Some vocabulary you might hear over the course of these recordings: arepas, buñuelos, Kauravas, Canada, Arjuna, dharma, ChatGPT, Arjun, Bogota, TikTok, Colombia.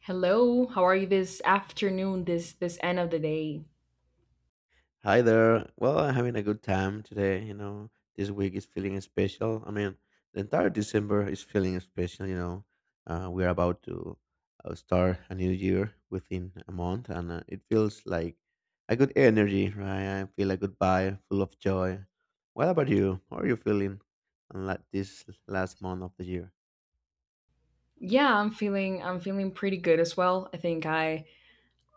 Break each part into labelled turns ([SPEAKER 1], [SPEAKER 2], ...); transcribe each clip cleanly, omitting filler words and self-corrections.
[SPEAKER 1] Hello, how are you this afternoon, this end of the day?
[SPEAKER 2] Hi there. Well, I'm having a good time today. You know, this week is feeling special. I mean, the entire December is feeling special. We are about to start a new year within a month, and it feels like a good energy, right? I feel a good vibe, full of joy. What about you? How are you feeling on this last month of the year?
[SPEAKER 1] Yeah, I'm feeling pretty good as well. I think I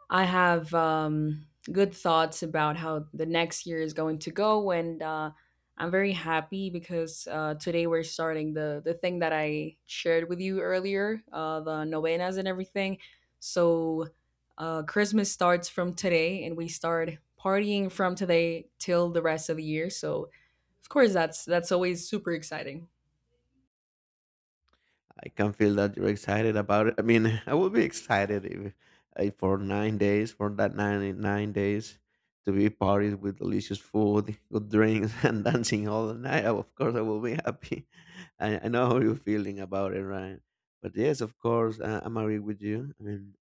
[SPEAKER 1] I have good thoughts about how the next year is going to go, and I'm very happy because today we're starting the thing that I shared with you earlier, the novenas and everything. So Christmas starts from today, and we start partying from today till the rest of the year. So, of course, that's always super exciting.
[SPEAKER 2] I can feel that you're excited about it. I mean, I would be excited if for 9 days, for that nine days, to be parties with delicious food, good drinks, and dancing all the night. Of course, I will be happy. I know how you're feeling about it, right? But yes, of course, I'm agree with you. I mean,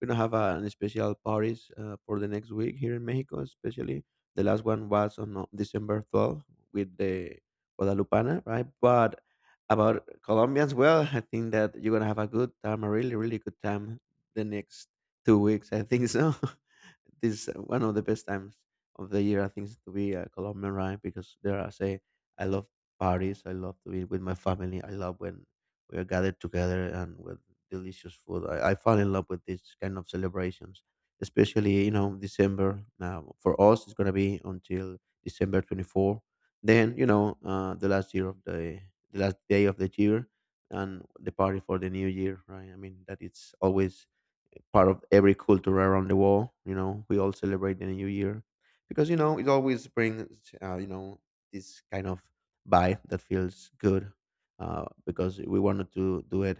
[SPEAKER 2] we're gonna have an special parties for the next week here in Mexico, especially the last one was on December 12th with the Guadalupana, right? But about Colombians, well, I think that you're gonna have a good time, a really, really good time the next 2 weeks. I think so. This is one of the best times of the year, I think, is to be a Colombian, right? Because there, I say, I love parties. I love to be with my family. I love when we are gathered together and when delicious food. I fall in love with this kind of celebrations, especially December. Now for us, it's gonna be until December 24. Then the last day of the year and the party for the new year, right? I mean that it's always part of every culture around the world. You know, we all celebrate the New Year because it always brings this kind of vibe that feels good because we wanted to do it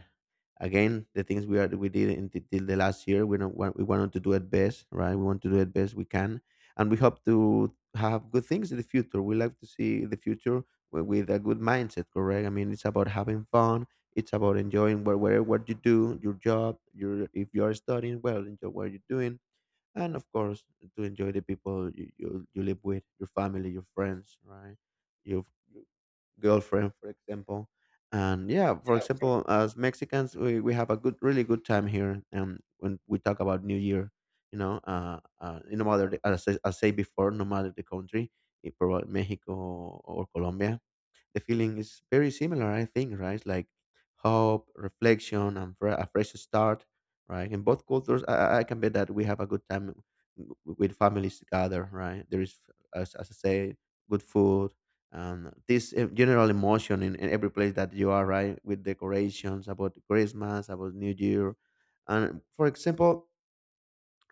[SPEAKER 2] again. The things we did in till the last year, we don't want we wanted to do it best, right? We want to do it best we can, and we hope to have good things in the future. We like to see the future with a good mindset, correct? I mean, it's about having fun. It's about enjoying whatever what you do, your job, your if you are studying, well, enjoy what you're doing, and of course, to enjoy the people you live with, your family, your friends, right? Your your girlfriend, for example. And yeah, for example, as Mexicans, we have a good, really good time here. And when we talk about New Year, you know, no matter the, as I say before, no matter the country, probably Mexico or Colombia, the feeling is very similar, I think, right? Like hope, reflection, and a fresh start, right? In both cultures, I can bet that we have a good time with families together, right? There is, as I say, good food and this general emotion in every place that you are, right? With decorations about Christmas, about New Year. And for example,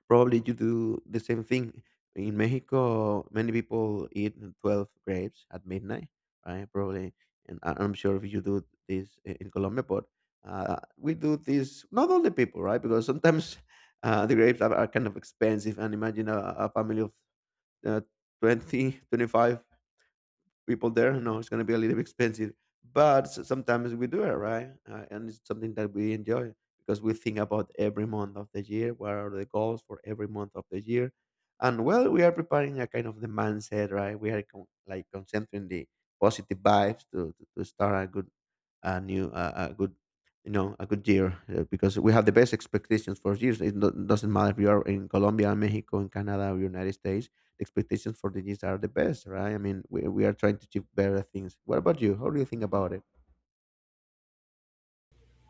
[SPEAKER 2] probably you do the same thing. In Mexico, many people eat 12 grapes at midnight, right? Probably. And I'm sure if you do this in Colombia, but we do this, not all the people, right? Because sometimes the grapes are kind of expensive. And imagine a family of uh, 20, 25 people there. No, it's going to be a little bit expensive, but sometimes we do it, right? And it's something that we enjoy because we think about every month of the year. What are the goals for every month of the year? And well, we are preparing a kind of the mindset, right? We are like concentrating the positive vibes to start a good, a new, a good, a good year because we have the best expectations for years. It doesn't matter if you are in Colombia, Mexico, in Canada, or United States. Expectations for the years are the best, right? I mean, we are trying to achieve better things. What about you? How do you think about it?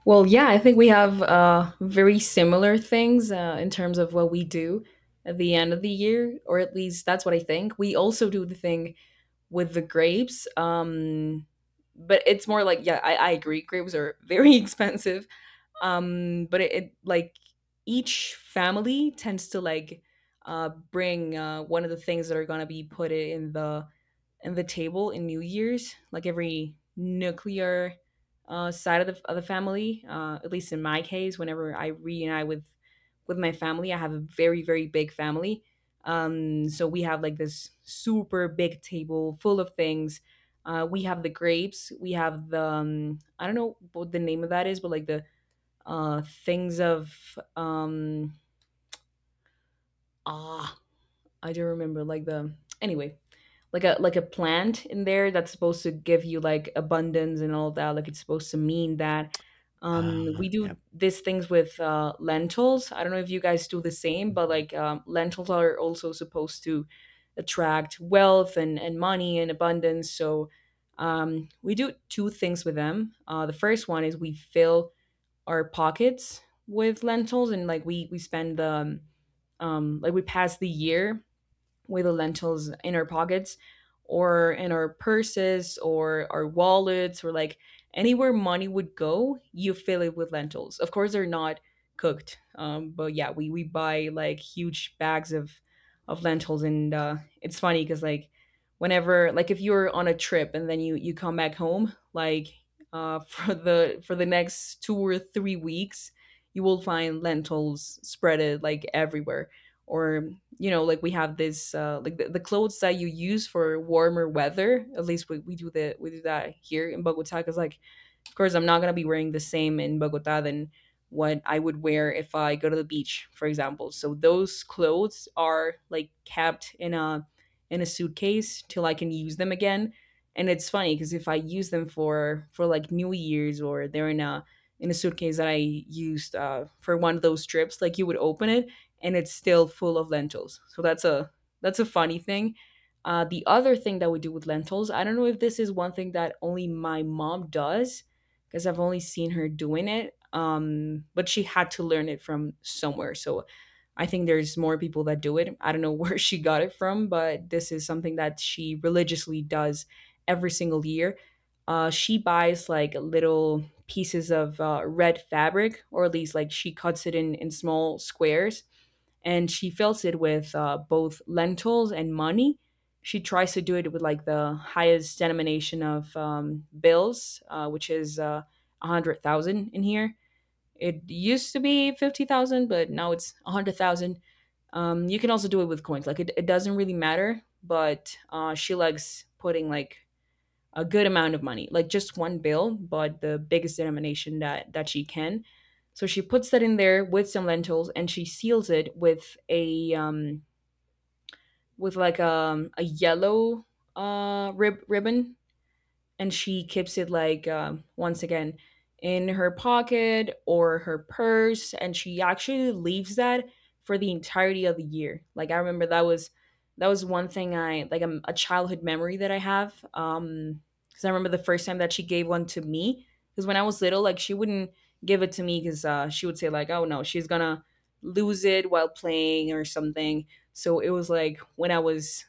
[SPEAKER 1] Well, yeah, I think we have very similar things in terms of what we do at the end of the year, or at least that's what I think. We also do the thing with the grapes, but it's more like, yeah, I agree. Grapes are very expensive. But it like each family tends to like bring one of the things that are going to be put in the table in New Year's, like every nuclear side of the family, at least in my case, whenever I reunite with my family. I have a very very big family. So we have like this super big table full of things. We have the grapes, we have the I don't know what the name of that is, but like the things of ah I don't remember, like the, anyway, like a plant in there that's supposed to give you like abundance and all that, like it's supposed to mean that. We
[SPEAKER 2] Yeah.
[SPEAKER 1] do these things with lentils. I don't know if you guys do the same, but
[SPEAKER 2] Mhm.
[SPEAKER 1] like lentils are also supposed to attract wealth and money and abundance. So we do two things with them. The first one is we fill our pockets with lentils, and like we spend the like we pass the year with the lentils in our pockets, or in our purses or our wallets, or like anywhere money would go, you fill it with lentils. Of course, they're not cooked, but yeah, we buy like huge bags of lentils, and it's funny because like whenever, like, if you're on a trip and then you come back home, like for the next 2 or 3 weeks, you will find lentils spreaded like everywhere. Or you know, like we have this like the clothes that you use for warmer weather. At least we do that here in Bogota, because, like, of course, I'm not going to be wearing the same in Bogota than what I would wear if I go to the beach, for example. So those clothes are like kept in a suitcase till I can use them again. And it's funny because if I use them for like New Year's, or they're in a suitcase that I used for one of those trips, like you would open it and it's still full of lentils. So that's a funny thing. The other thing that we do with lentils, I don't know if this is one thing that only my mom does, because I've only seen her doing it. But she had to learn it from somewhere. So I think there's more people that do it. I don't know where she got it from, but this is something that she religiously does every single year. She buys like little pieces of red fabric, or at least like she cuts it in small squares, and she fills it with both lentils and money. She tries to do it with like the highest denomination of bills, which is 100,000 in here. It used to be 50,000, but now it's 100,000. You can also do it with coins. Like it doesn't really matter, but she likes putting like a good amount of money, like just one bill, but the biggest denomination that she can. So she puts that in there with some lentils, and she seals it with a with like a yellow, ribbon, and she keeps it like once again in her pocket or her purse. And she actually leaves that for the entirety of the year. Like, I remember that was one thing. I, like, a childhood memory that I have. Because I remember the first time that she gave one to me, because when I was little, like, she wouldn't give it to me, because she would say, like, oh no, she's gonna lose it while playing or something. So it was like when I was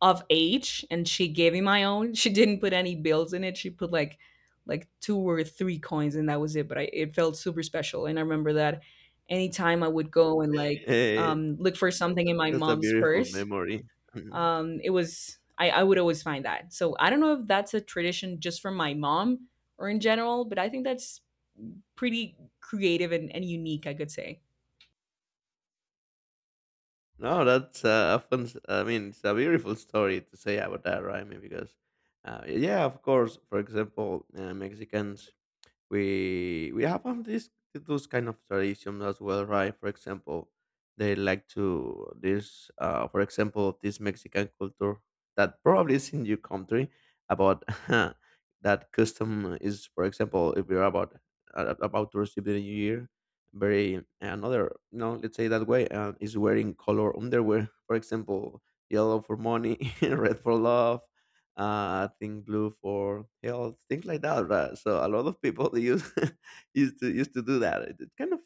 [SPEAKER 1] of age, and she gave me my own. She didn't put any bills in it. She put like two or three coins, and that was it. But I, it felt super special. And I remember that anytime I would go and, like,
[SPEAKER 2] Eh,
[SPEAKER 1] look for something in my
[SPEAKER 2] that's a
[SPEAKER 1] mom's
[SPEAKER 2] beautiful
[SPEAKER 1] purse,
[SPEAKER 2] memory. Mhm.
[SPEAKER 1] it was, I would always find that. So I don't know if that's a tradition just from my mom or in general, but I think that's pretty creative, and unique, I could say.
[SPEAKER 2] No, that's a fun. I mean, it's a beautiful story to say about that, right? I mean, because, yeah, of course. For example, Mexicans we have all these those kind of traditions as well, right? For example, they like to this for example this Mexican culture that probably is in your country about that custom is for example if you're about to receive the new year very another let's say that way is wearing color underwear for example yellow for money red for love I think blue for health, things like that. Right? So a lot of people they use used to do that. It kind of,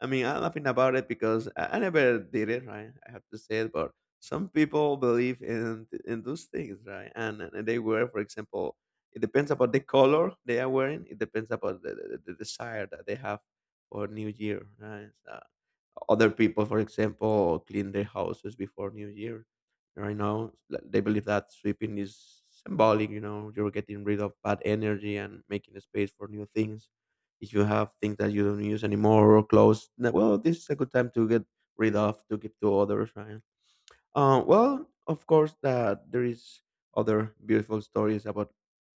[SPEAKER 2] I mean, I'm laughing about it because I never did it. Right, I have to say it, but some people believe in those things, right? And they wear, for example, it depends about the color they are wearing. It depends about the desire that they have for New Year, right? So other people, for example, clean their houses before New Year. Right now, like, they believe that sweeping is symbolic. You know, you're getting rid of bad energy and making a space for new things. If you have things that you don't use anymore or clothes, then, well, this is a good time to get rid of to give to others, right? Well, of course that there is other beautiful stories about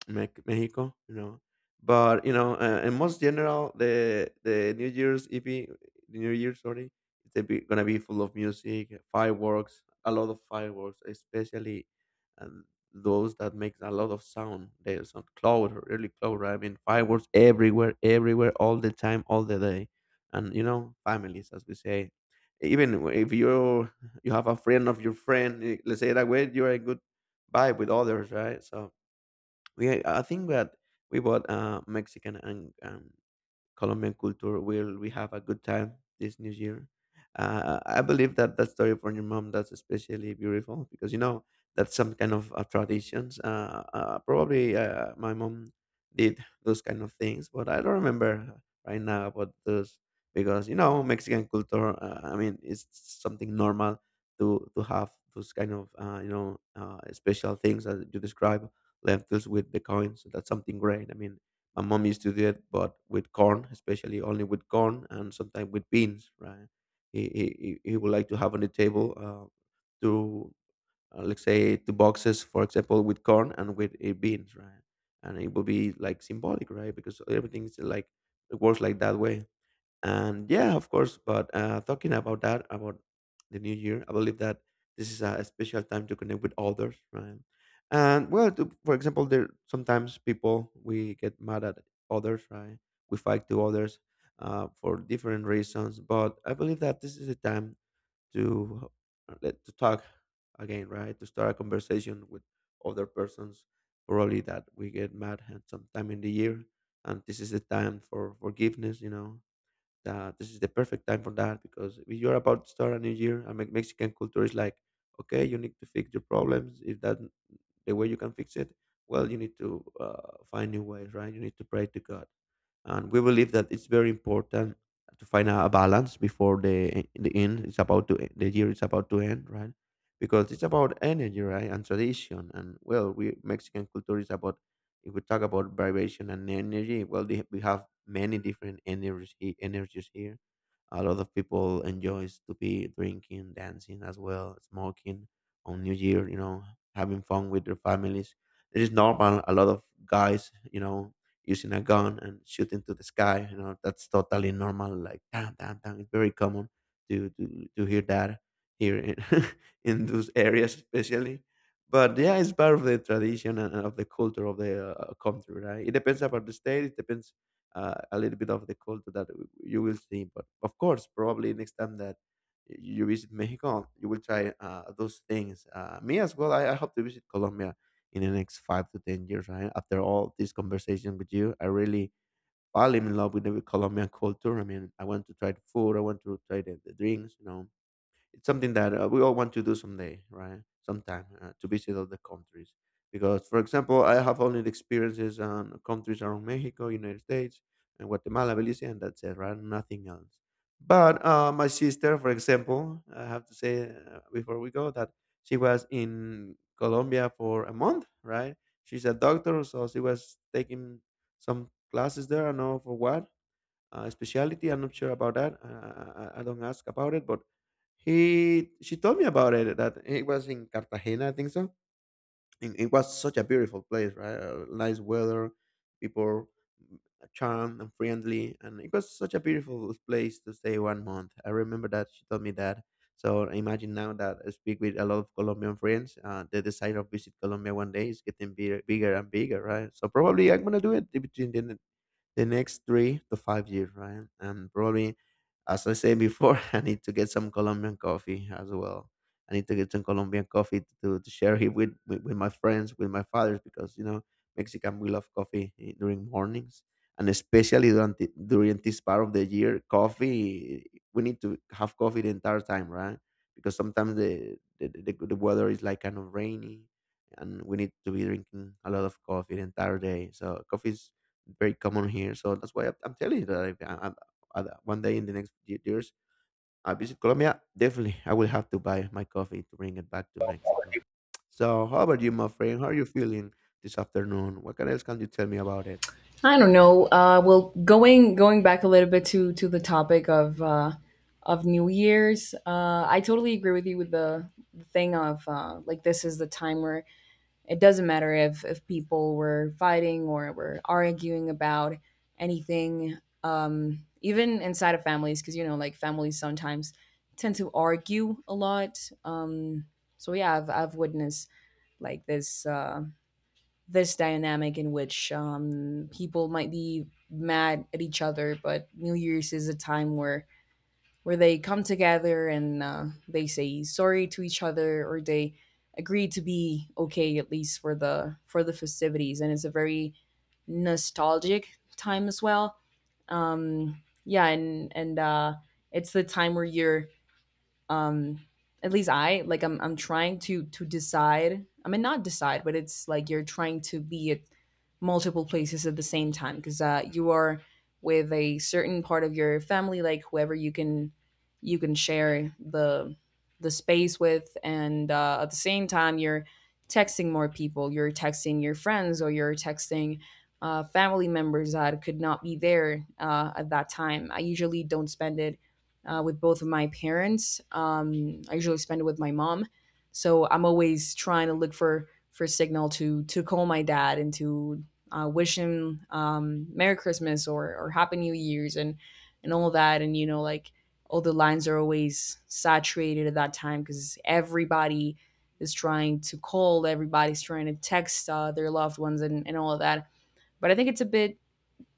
[SPEAKER 2] Mexico. But in most general, the New Year's EP, the New Year, sorry, it's gonna be full of music, fireworks, a lot of fireworks, especially um, those that makes a lot of sound. There's some cloud, really cloud, right? I mean, fireworks everywhere, everywhere, all the time, all the day, and families, as we say, even if you have a friend of your friend. Let's say that way, you're a good vibe with others, right? So I think that we bought Mexican and Colombian culture. Will we have a good time this New Year? I believe that that story from your mom, that's especially beautiful because that's some kind of traditions. Probably my mom did those kind of things, but I don't remember right now about those because Mexican culture. I mean, it's something normal to have those kind of special things as you describe lentils with the coins. So that's something great. I mean, my mom used to do it, but with corn, especially only with corn and sometimes with beans, right? He, he, he would like to have on the table two, let's say, two boxes, for example, with corn and with beans, right? And it will be like symbolic, right? Because everything is like, it works like that way. And yeah, of course, but talking about that, about the new year, I believe that this is a special time to connect with others, right? And well, to, for example, there sometimes people we get mad at others, right? We fight to others, for different reasons, but I believe that this is the time to let to talk again, right? To start a conversation with other persons probably that we get mad at sometime in the year. And this is the time for forgiveness, that this is the perfect time for that, because if you're about to start a new year, I mean, Mexican culture is like, okay, you need to fix your problems. If that the way you can fix it, well, you need to find new ways, right? You need to pray to God, and we believe that it's very important to find a balance before the end. It's about to The year is about to end, right? Because it's about energy, right? And tradition, and well, we Mexican culture is about, if we talk about vibration and energy, well, we have many different energies energies here. A lot of people enjoys to be drinking, dancing, as well, smoking, on new year, having fun with their families. It is normal, a lot of guys, using a gun and shooting to the sky. You know, that's totally normal. Like damn, damn, damn. It's very common to hear that here in those areas, especially. But yeah, it's part of the tradition and of the culture of the country, right? It depends about the state. It depends a little bit of the culture that you will see. But of course, probably next time that you visit Mexico, you will try those things. Me as well. I hope to visit Colombia in the next 5 to 10 years. Right? After all this conversation with you, I really fall in love with the Colombian culture. I mean, I want to try the food. I want to try the drinks. You know, it's something that we all want to do someday, right? Sometime to visit other countries. Because, for example, I have only the experiences on countries around Mexico, United States, and Guatemala, Belize, and that's it, right? Nothing else. But my sister, for example, I have to say before we go that she was in Colombia for a month, right? She's a doctor, so she was taking some classes there. I don't know for what, specialty. I'm not sure about that. I don't ask about it, but he she told me about it that it was in Cartagena, I think so. And it was such a beautiful place, right? Nice weather, people charmed and friendly, and it was such a beautiful place to stay one month. I remember that she told me that. So I imagine now that I speak with a lot of Colombian friends. The desire of visit Colombia one day is getting bigger, bigger and bigger, right? So probably I'm gonna do it between the next 3 to 5 years, right? And probably, as I said before, I need to get some Colombian coffee as well. I need to get some Colombian coffee to share it with my friends, with my fathers, because, you know, Mexican, we love coffee during mornings. And especially during this part of the year, coffee, we need to have coffee the entire time, right? Because sometimes the weather is like kind of rainy, and we need to be drinking a lot of coffee the entire day. So coffee very common here. So that's why I'm telling you that if I, one day in the next years I visit Colombia, definitely I will have to buy my coffee to bring it back to Mexico. So how about you, my friend? How are you feeling this afternoon? What can else can you tell me about it?
[SPEAKER 1] I don't know. Well, going back a little bit to the topic of New Year's. I totally agree with you, with the thing of like, this is the time where it doesn't matter if people were fighting or were arguing about anything, even inside of families, because, you know, like, families sometimes tend to argue a lot. Um, so yeah, I've witnessed like this. This dynamic in which people might be mad at each other, but New Year's is a time where they come together, and they say sorry to each other, or they agree to be okay at least for the festivities. And it's a very nostalgic time as well. um yeah. And it's the time where you're, um at least, I, like, I'm trying to decide. I mean, not decide, but it's like you're trying to be at multiple places at the same time. Because you are with a certain part of your family, like whoever you can, you can share the space with. And at the same time, you're texting more people. You're texting your friends, or you're texting family members that could not be there at that time. I usually don't spend it with both of my parents. I usually spend it with my mom, so I'm always trying to look for signal to call my dad, and to wish him Merry Christmas or Happy New Year's, and all that. And you know, like, all the lines are always saturated at that time, because everybody is trying to call, everybody's trying to text their loved ones, and all of that. But I think it's a bit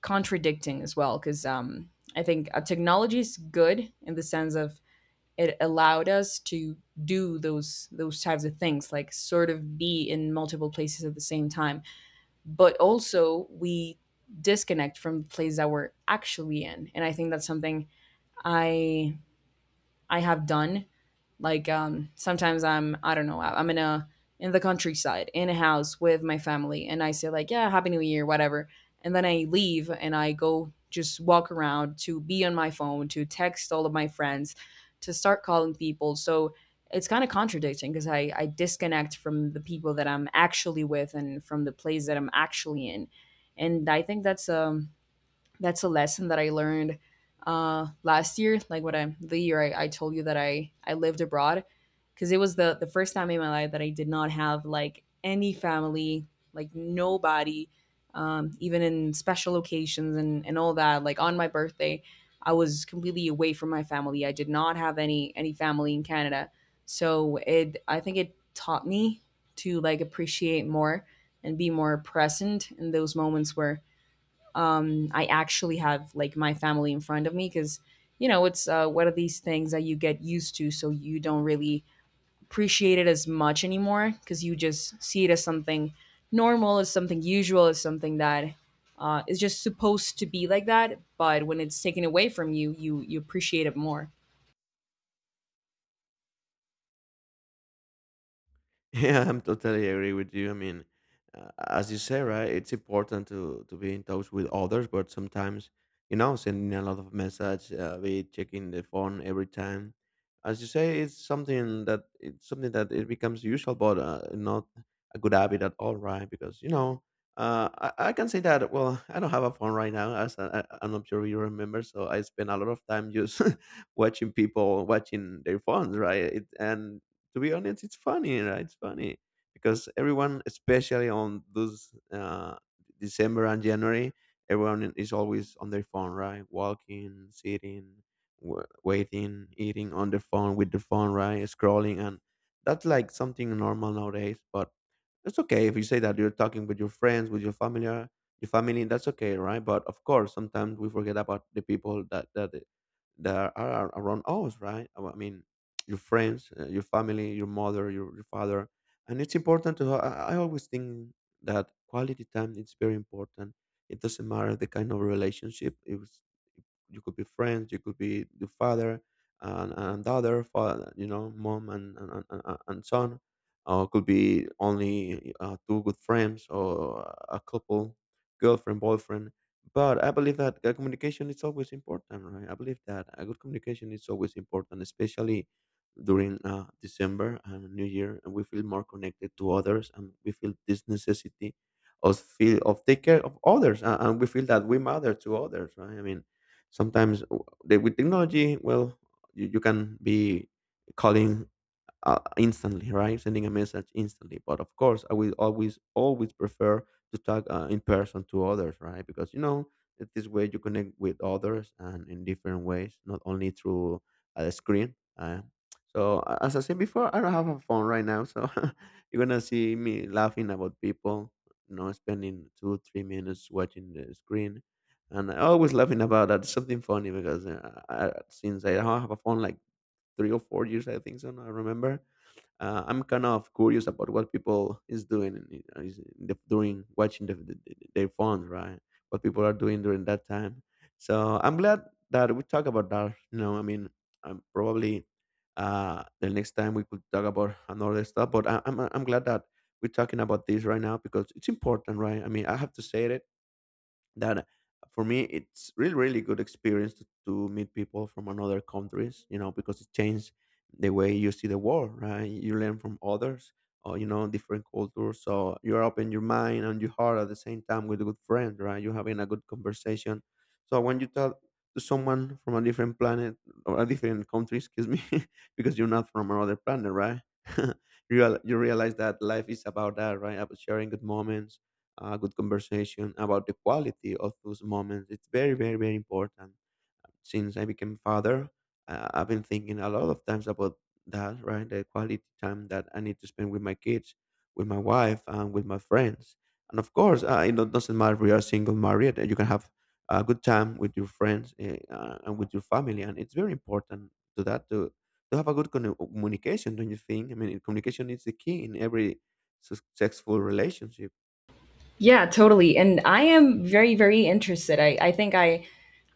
[SPEAKER 1] contradicting as well, because I think technology is good in the sense of, it allowed us to do those types of things, like sort of be in multiple places at the same time. But also we disconnect from the place that we're actually in, and I think that's something I I have done. Like, sometimes, I don't know, am in a in the countryside in a house with my family, and I say like, yeah, Happy New Year, whatever, and then I leave and I go just walk around to be on my phone, to text all of my friends, to start calling people. So it's kind of contradicting because I disconnect from the people that I'm actually with, and from the place that I'm actually in. And I think that's a lesson that I learned last year. Like, what I, the year I told you that I lived abroad, because it was the first time in my life that I did not have, like, any family, like, nobody. Even in special occasions and all that. Like on my birthday, I was completely away from my family. I did not have any family in Canada, so it I think it taught me to like appreciate more and be more present in those moments where I actually have like my family in front of me, because you know it's one of these things that you get used to, so you don't really appreciate it as much anymore because you just see it as something normal, as something usual, as something that is just supposed to be like that. But when it's taken away from you, you appreciate it more.
[SPEAKER 2] Yeah, I'm totally agree with you. I mean, as you say, right? It's important to be in touch with others, but sometimes, you know, sending a lot of message, be checking the phone every time. As you say, it's something that it becomes usual, but not a good habit at all, right? Because you know, I can say that. Well, I don't have a phone right now, as I'm not sure you remember. So I spend a lot of time just watching people watching their phones, right? And to be honest, it's funny, right? It's funny because everyone, especially on those December and January, everyone is always on their phone, right? Walking, sitting, waiting, eating on the phone with the phone, right? Scrolling, and that's like something normal nowadays. But it's okay if you say that you're talking with your friends, with your family, your family. That's okay, right? But of course, sometimes we forget about the people that are around us, right? I mean, your friends, your family, your mother, your father. And it's important to, ha- I always think that quality time is very important. It doesn't matter the kind of relationship. If you could be friends, you could be the father and daughter, father, you know, mom and son, or could be only two good friends, or a couple, girlfriend, boyfriend. But I believe that communication is always important, right? I believe that a good communication is always important, especially during December and new year, and we feel more connected to others, and we feel this necessity of feel of take care of others. And we feel that we matter to others, right? I mean, sometimes with technology, well, you can be calling instantly, right? Sending a message instantly. But of course, I will always, always prefer to talk in person to others, right? Because you know, this way you connect with others and in different ways, not only through a screen. So as I said before, I don't have a phone right now, so you're gonna see me laughing about people, you know, spending two, 3 minutes watching the screen. And I always laughing about that. It's something funny because since I don't have a phone like 3 or 4 years, I think so. I remember I'm kind of curious about what people is doing during watching their phones, right? What people are doing during that time. So I'm glad that we talk about that. You know, I mean, probably the next time we could talk about another stuff. But I'm glad that we're talking about this right now because it's important, right? I mean, I have to say it that for me it's really really good experience to meet people from another countries, you know, because it changed the way you see the world, right? You learn from others, or you know different cultures, so you're open your mind and your heart at the same time with a good friend, right? You're having a good conversation. So when you talk to someone from a different planet or a different country, excuse me, because you're not from another planet, right? you, you realize that life is about that, right? About sharing good moments, a good conversation, about the quality of those moments. It's very, very, very important. Since I became father, I've been thinking a lot of times about that, right? The quality time that I need to spend with my kids, with my wife, and with my friends. And of course, it don't- doesn't matter if you are single, married, you can have a good time with your friends, and with your family. And it's very important to that to have a good communication, don't you think? I mean, communication is the key in every successful relationship.
[SPEAKER 1] Yeah, totally. And I am very, very interested. I think I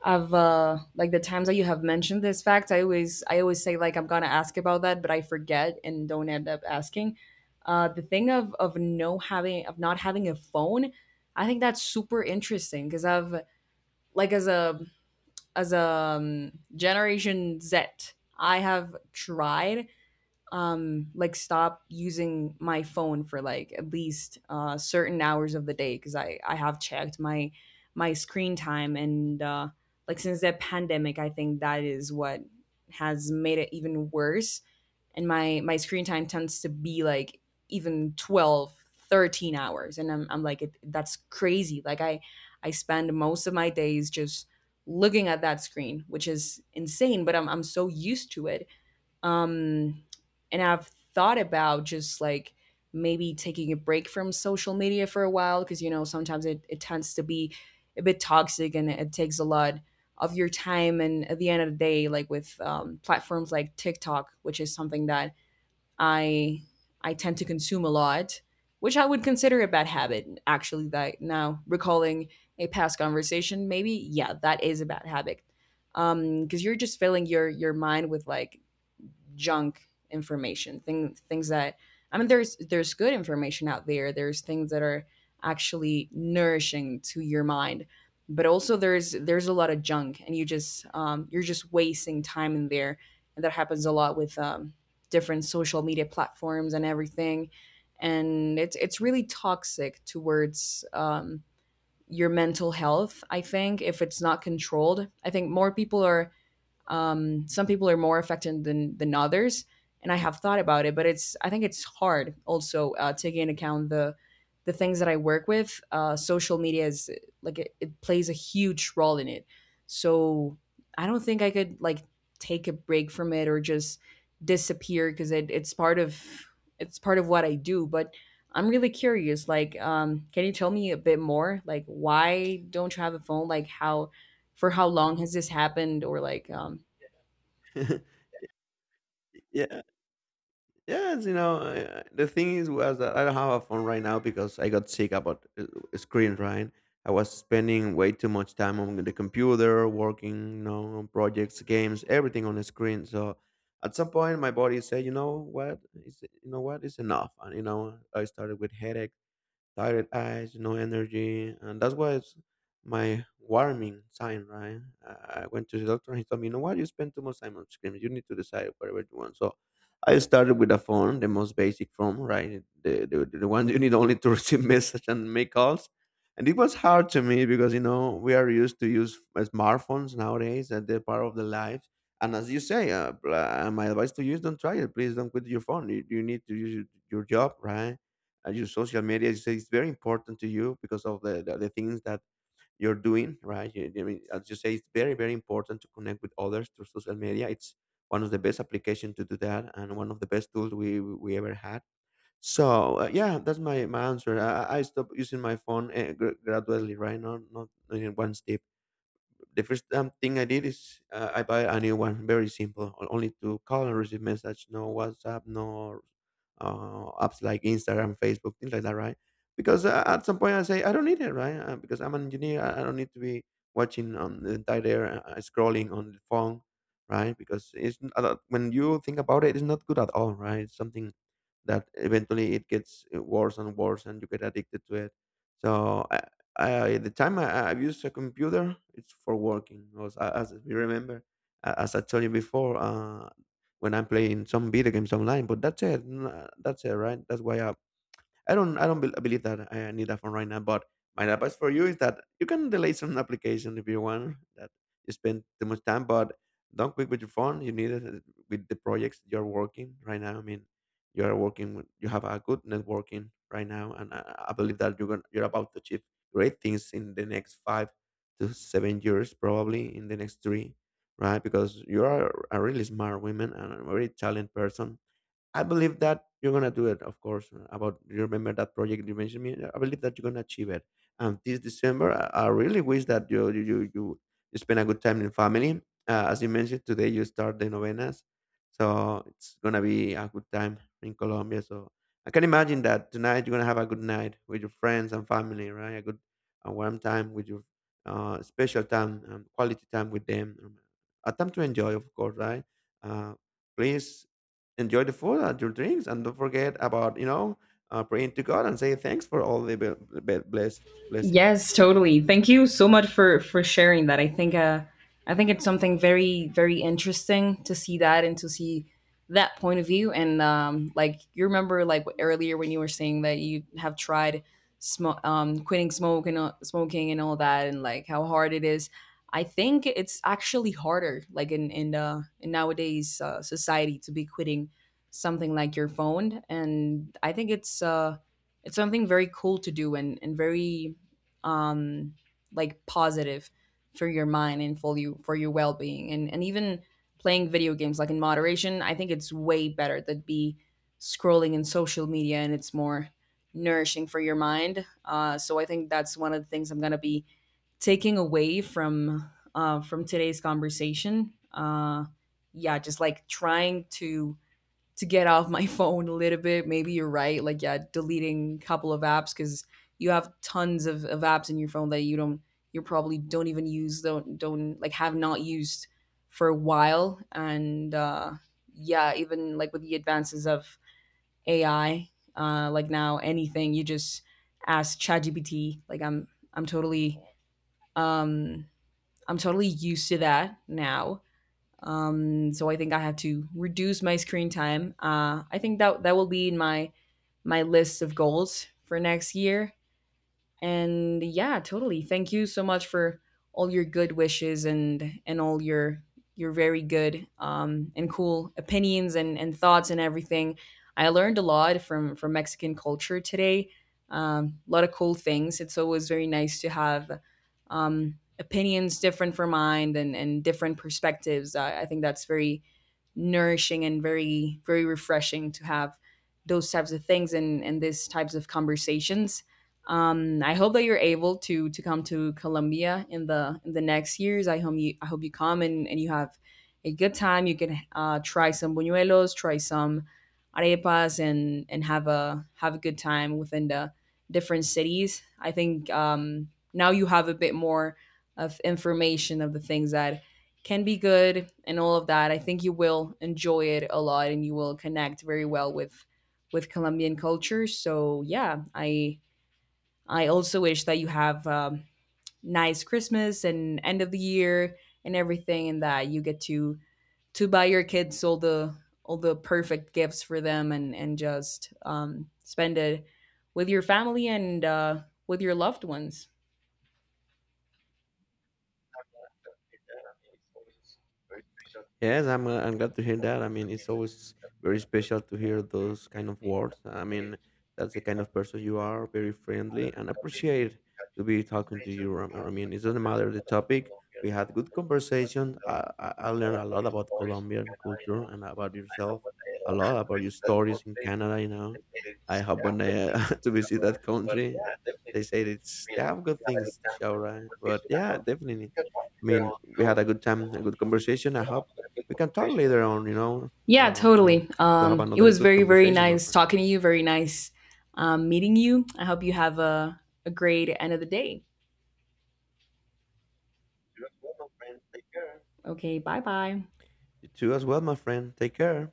[SPEAKER 1] have like the times that you have mentioned this fact, I always say like I'm gonna ask about that, but I forget and don't end up asking. The thing of no having of not having a phone, I think that's super interesting because I've like as a generation Z, I have tried like stop using my phone for like at least certain hours of the day, because I have checked my my screen time and like since the pandemic, I think that is what has made it even worse. And my screen time tends to be like even 12, 13 hours, and I'm like it, that's crazy. Like I spend most of my days just looking at that screen, which is insane, but I'm so used to it. um, and I've thought about just like maybe taking a break from social media for a while, because you know sometimes it tends to be a bit toxic and it takes a lot of your time. And at the end of the day, like with platforms like TikTok, which is something that i I tend to consume a lot, which I would consider a bad habit. Actually, that now recalling a past conversation, maybe yeah, that is a bad habit. Because you're just filling your mind with like junk things that, I mean, there's good information out there, there's things that are actually nourishing to your mind, but also there's a lot of junk and you just you're just wasting time in there. And that happens a lot with different social media platforms and everything. And it's really toxic towards your mental health, I think, if it's not controlled. I think more people are some people are more affected than others. And I have thought about it, but it's, I think it's hard also taking into account the things that I work with. Social media is like it plays a huge role in it, so I don't think I could like take a break from it or just disappear, because it's part of what I do, but. I'm really curious. Like, can you tell me a bit more? Like, why don't you have a phone? Like, how for how long has this happened? Or like,
[SPEAKER 2] Yeah, yes, you know, I the thing is was that I don't have a phone right now because I got sick about screen, right? I was spending way too much time on the computer, working, you know, on projects, games, everything on the screen. So at some point, my body said, you know what, it's enough. And, you know, I started with headaches, tired eyes, no energy, and that's why it's my warning sign, right? I went to the doctor and he told me, you know what, you spend too much time on screens. You need to decide whatever you want. So I started with a phone, the most basic phone, right? The one you need only to receive message and make calls. And it was hard to me because, you know, we are used to use smartphones nowadays and they're part of the life. And as you say, my advice to you is don't try it. Please don't quit your phone. You need to use your job, right? And your social media is, it's very important to you because of the things that you're doing, right? I mean, as you say, it's very very important to connect with others through social media. It's one of the best application to do that and one of the best tools we ever had. So yeah, that's my answer. I stopped using my phone gradually, right? Not in one step. The first thing I did is I buy a new one. Very simple. Only to call and receive message. No WhatsApp. No apps like Instagram, Facebook, things like that, right? Because at some point I say I don't need it, right? Because I'm an engineer, I don't need to be watching on the entire day, scrolling on the phone, right? Because it's n- a lot- when you think about it, it's not good at all, right? It's something that eventually it gets worse and worse, and you get addicted to it. So at the time I've used a computer, it's for working. As you remember, as I told you before, when I'm playing some video games online. But that's it. That's it, right? That's why I don't believe that I need that phone right now. But my advice for you is that you can delay some application if you want that you spend too much time, but don't quit with your phone. You need it with the projects you're working right now. I mean, you are working. You have a good networking right now, and I believe that you're about to achieve great things in the next 5 to 7 years, probably in the next three, right? Because you are a really smart woman and a very talented person. I believe that you're gonna do it, of course. About you remember that project you mentioned me. I believe that you're gonna achieve it. And this December, I really wish that you spend a good time in family. As you mentioned today, you start the novenas, so it's gonna be a good time in Colombia. So I can imagine that tonight you're gonna have a good night with your friends and family, right? A warm time with your special time, quality time with them, a time to enjoy, of course, right? Uh, please enjoy the food and your drinks, and don't forget about praying to God and say thanks for all the blessings.
[SPEAKER 1] yes, totally. Thank you so much for sharing that. I think it's something very very interesting to see that, and to see that point of view. And like you remember like earlier when you were saying that you have tried quitting smoke and smoking and all that, and like how hard it is. I think it's actually harder like in nowadays society to be quitting something like your phone. And I think it's something very cool to do, and very um like positive for your mind and for you, for your well-being. And even playing video games like in moderation, I think it's way better than be scrolling in social media, and it's more nourishing for your mind. So I think that's one of the things I'm going to be taking away from today's conversation. Yeah, just like trying to get off my phone a little bit. Maybe you're right. Like, yeah, deleting a couple of apps, because you have tons of apps in your phone that you don't, you probably don't even use, don't like have not used for a while. And yeah, even like with the advances of AI, like now anything you just ask ChatGPT. Like I'm totally, um, I'm totally used to that now. So I think I have to reduce my screen time. I think that that will be in my my list of goals for next year. And yeah, totally. Thank you so much for all your good wishes and all your very good and cool opinions, and thoughts, and everything. I learned a lot from Mexican culture today. A lot of cool things. It's always very nice to have opinions different from mine, and different perspectives. I think that's very nourishing and very very refreshing to have those types of things and these types of conversations. I hope that you're able to come to Colombia in the next years. I hope you come, and you have a good time. You can try some buñuelos, try some arepas, and have a good time within the different cities. I think now you have a bit more of information of the things that can be good and all of that. I think you will enjoy it a lot, and you will connect very well with Colombian culture. So yeah, I also wish that you have nice Christmas and end of the year and everything, and that you get to buy your kids all the perfect gifts for them, and just spend it with your family, and with your loved ones.
[SPEAKER 2] Yes, I'm. I'm glad to hear that. I mean, it's always very special to hear those kind of words. I mean, that's the kind of person you are, very friendly, and appreciate to be talking to you. I mean, it doesn't matter the topic. We had good conversation. I learned a lot about Colombian culture and about yourself. A lot about your stories in Canada. You know, I hope when I to visit that country, they say it's they have good things to show, right? But yeah, definitely. I mean, we had a good time, a good conversation. I hope we can talk later on,
[SPEAKER 1] Yeah,
[SPEAKER 2] you know,
[SPEAKER 1] totally.
[SPEAKER 2] to have
[SPEAKER 1] It
[SPEAKER 2] another
[SPEAKER 1] was
[SPEAKER 2] good
[SPEAKER 1] very very
[SPEAKER 2] conversation, my
[SPEAKER 1] nice
[SPEAKER 2] friend.
[SPEAKER 1] talking to you. Very nice meeting you. I hope you have a great end of the day. Okay, bye bye.
[SPEAKER 2] You too, as well, my friend. Take care.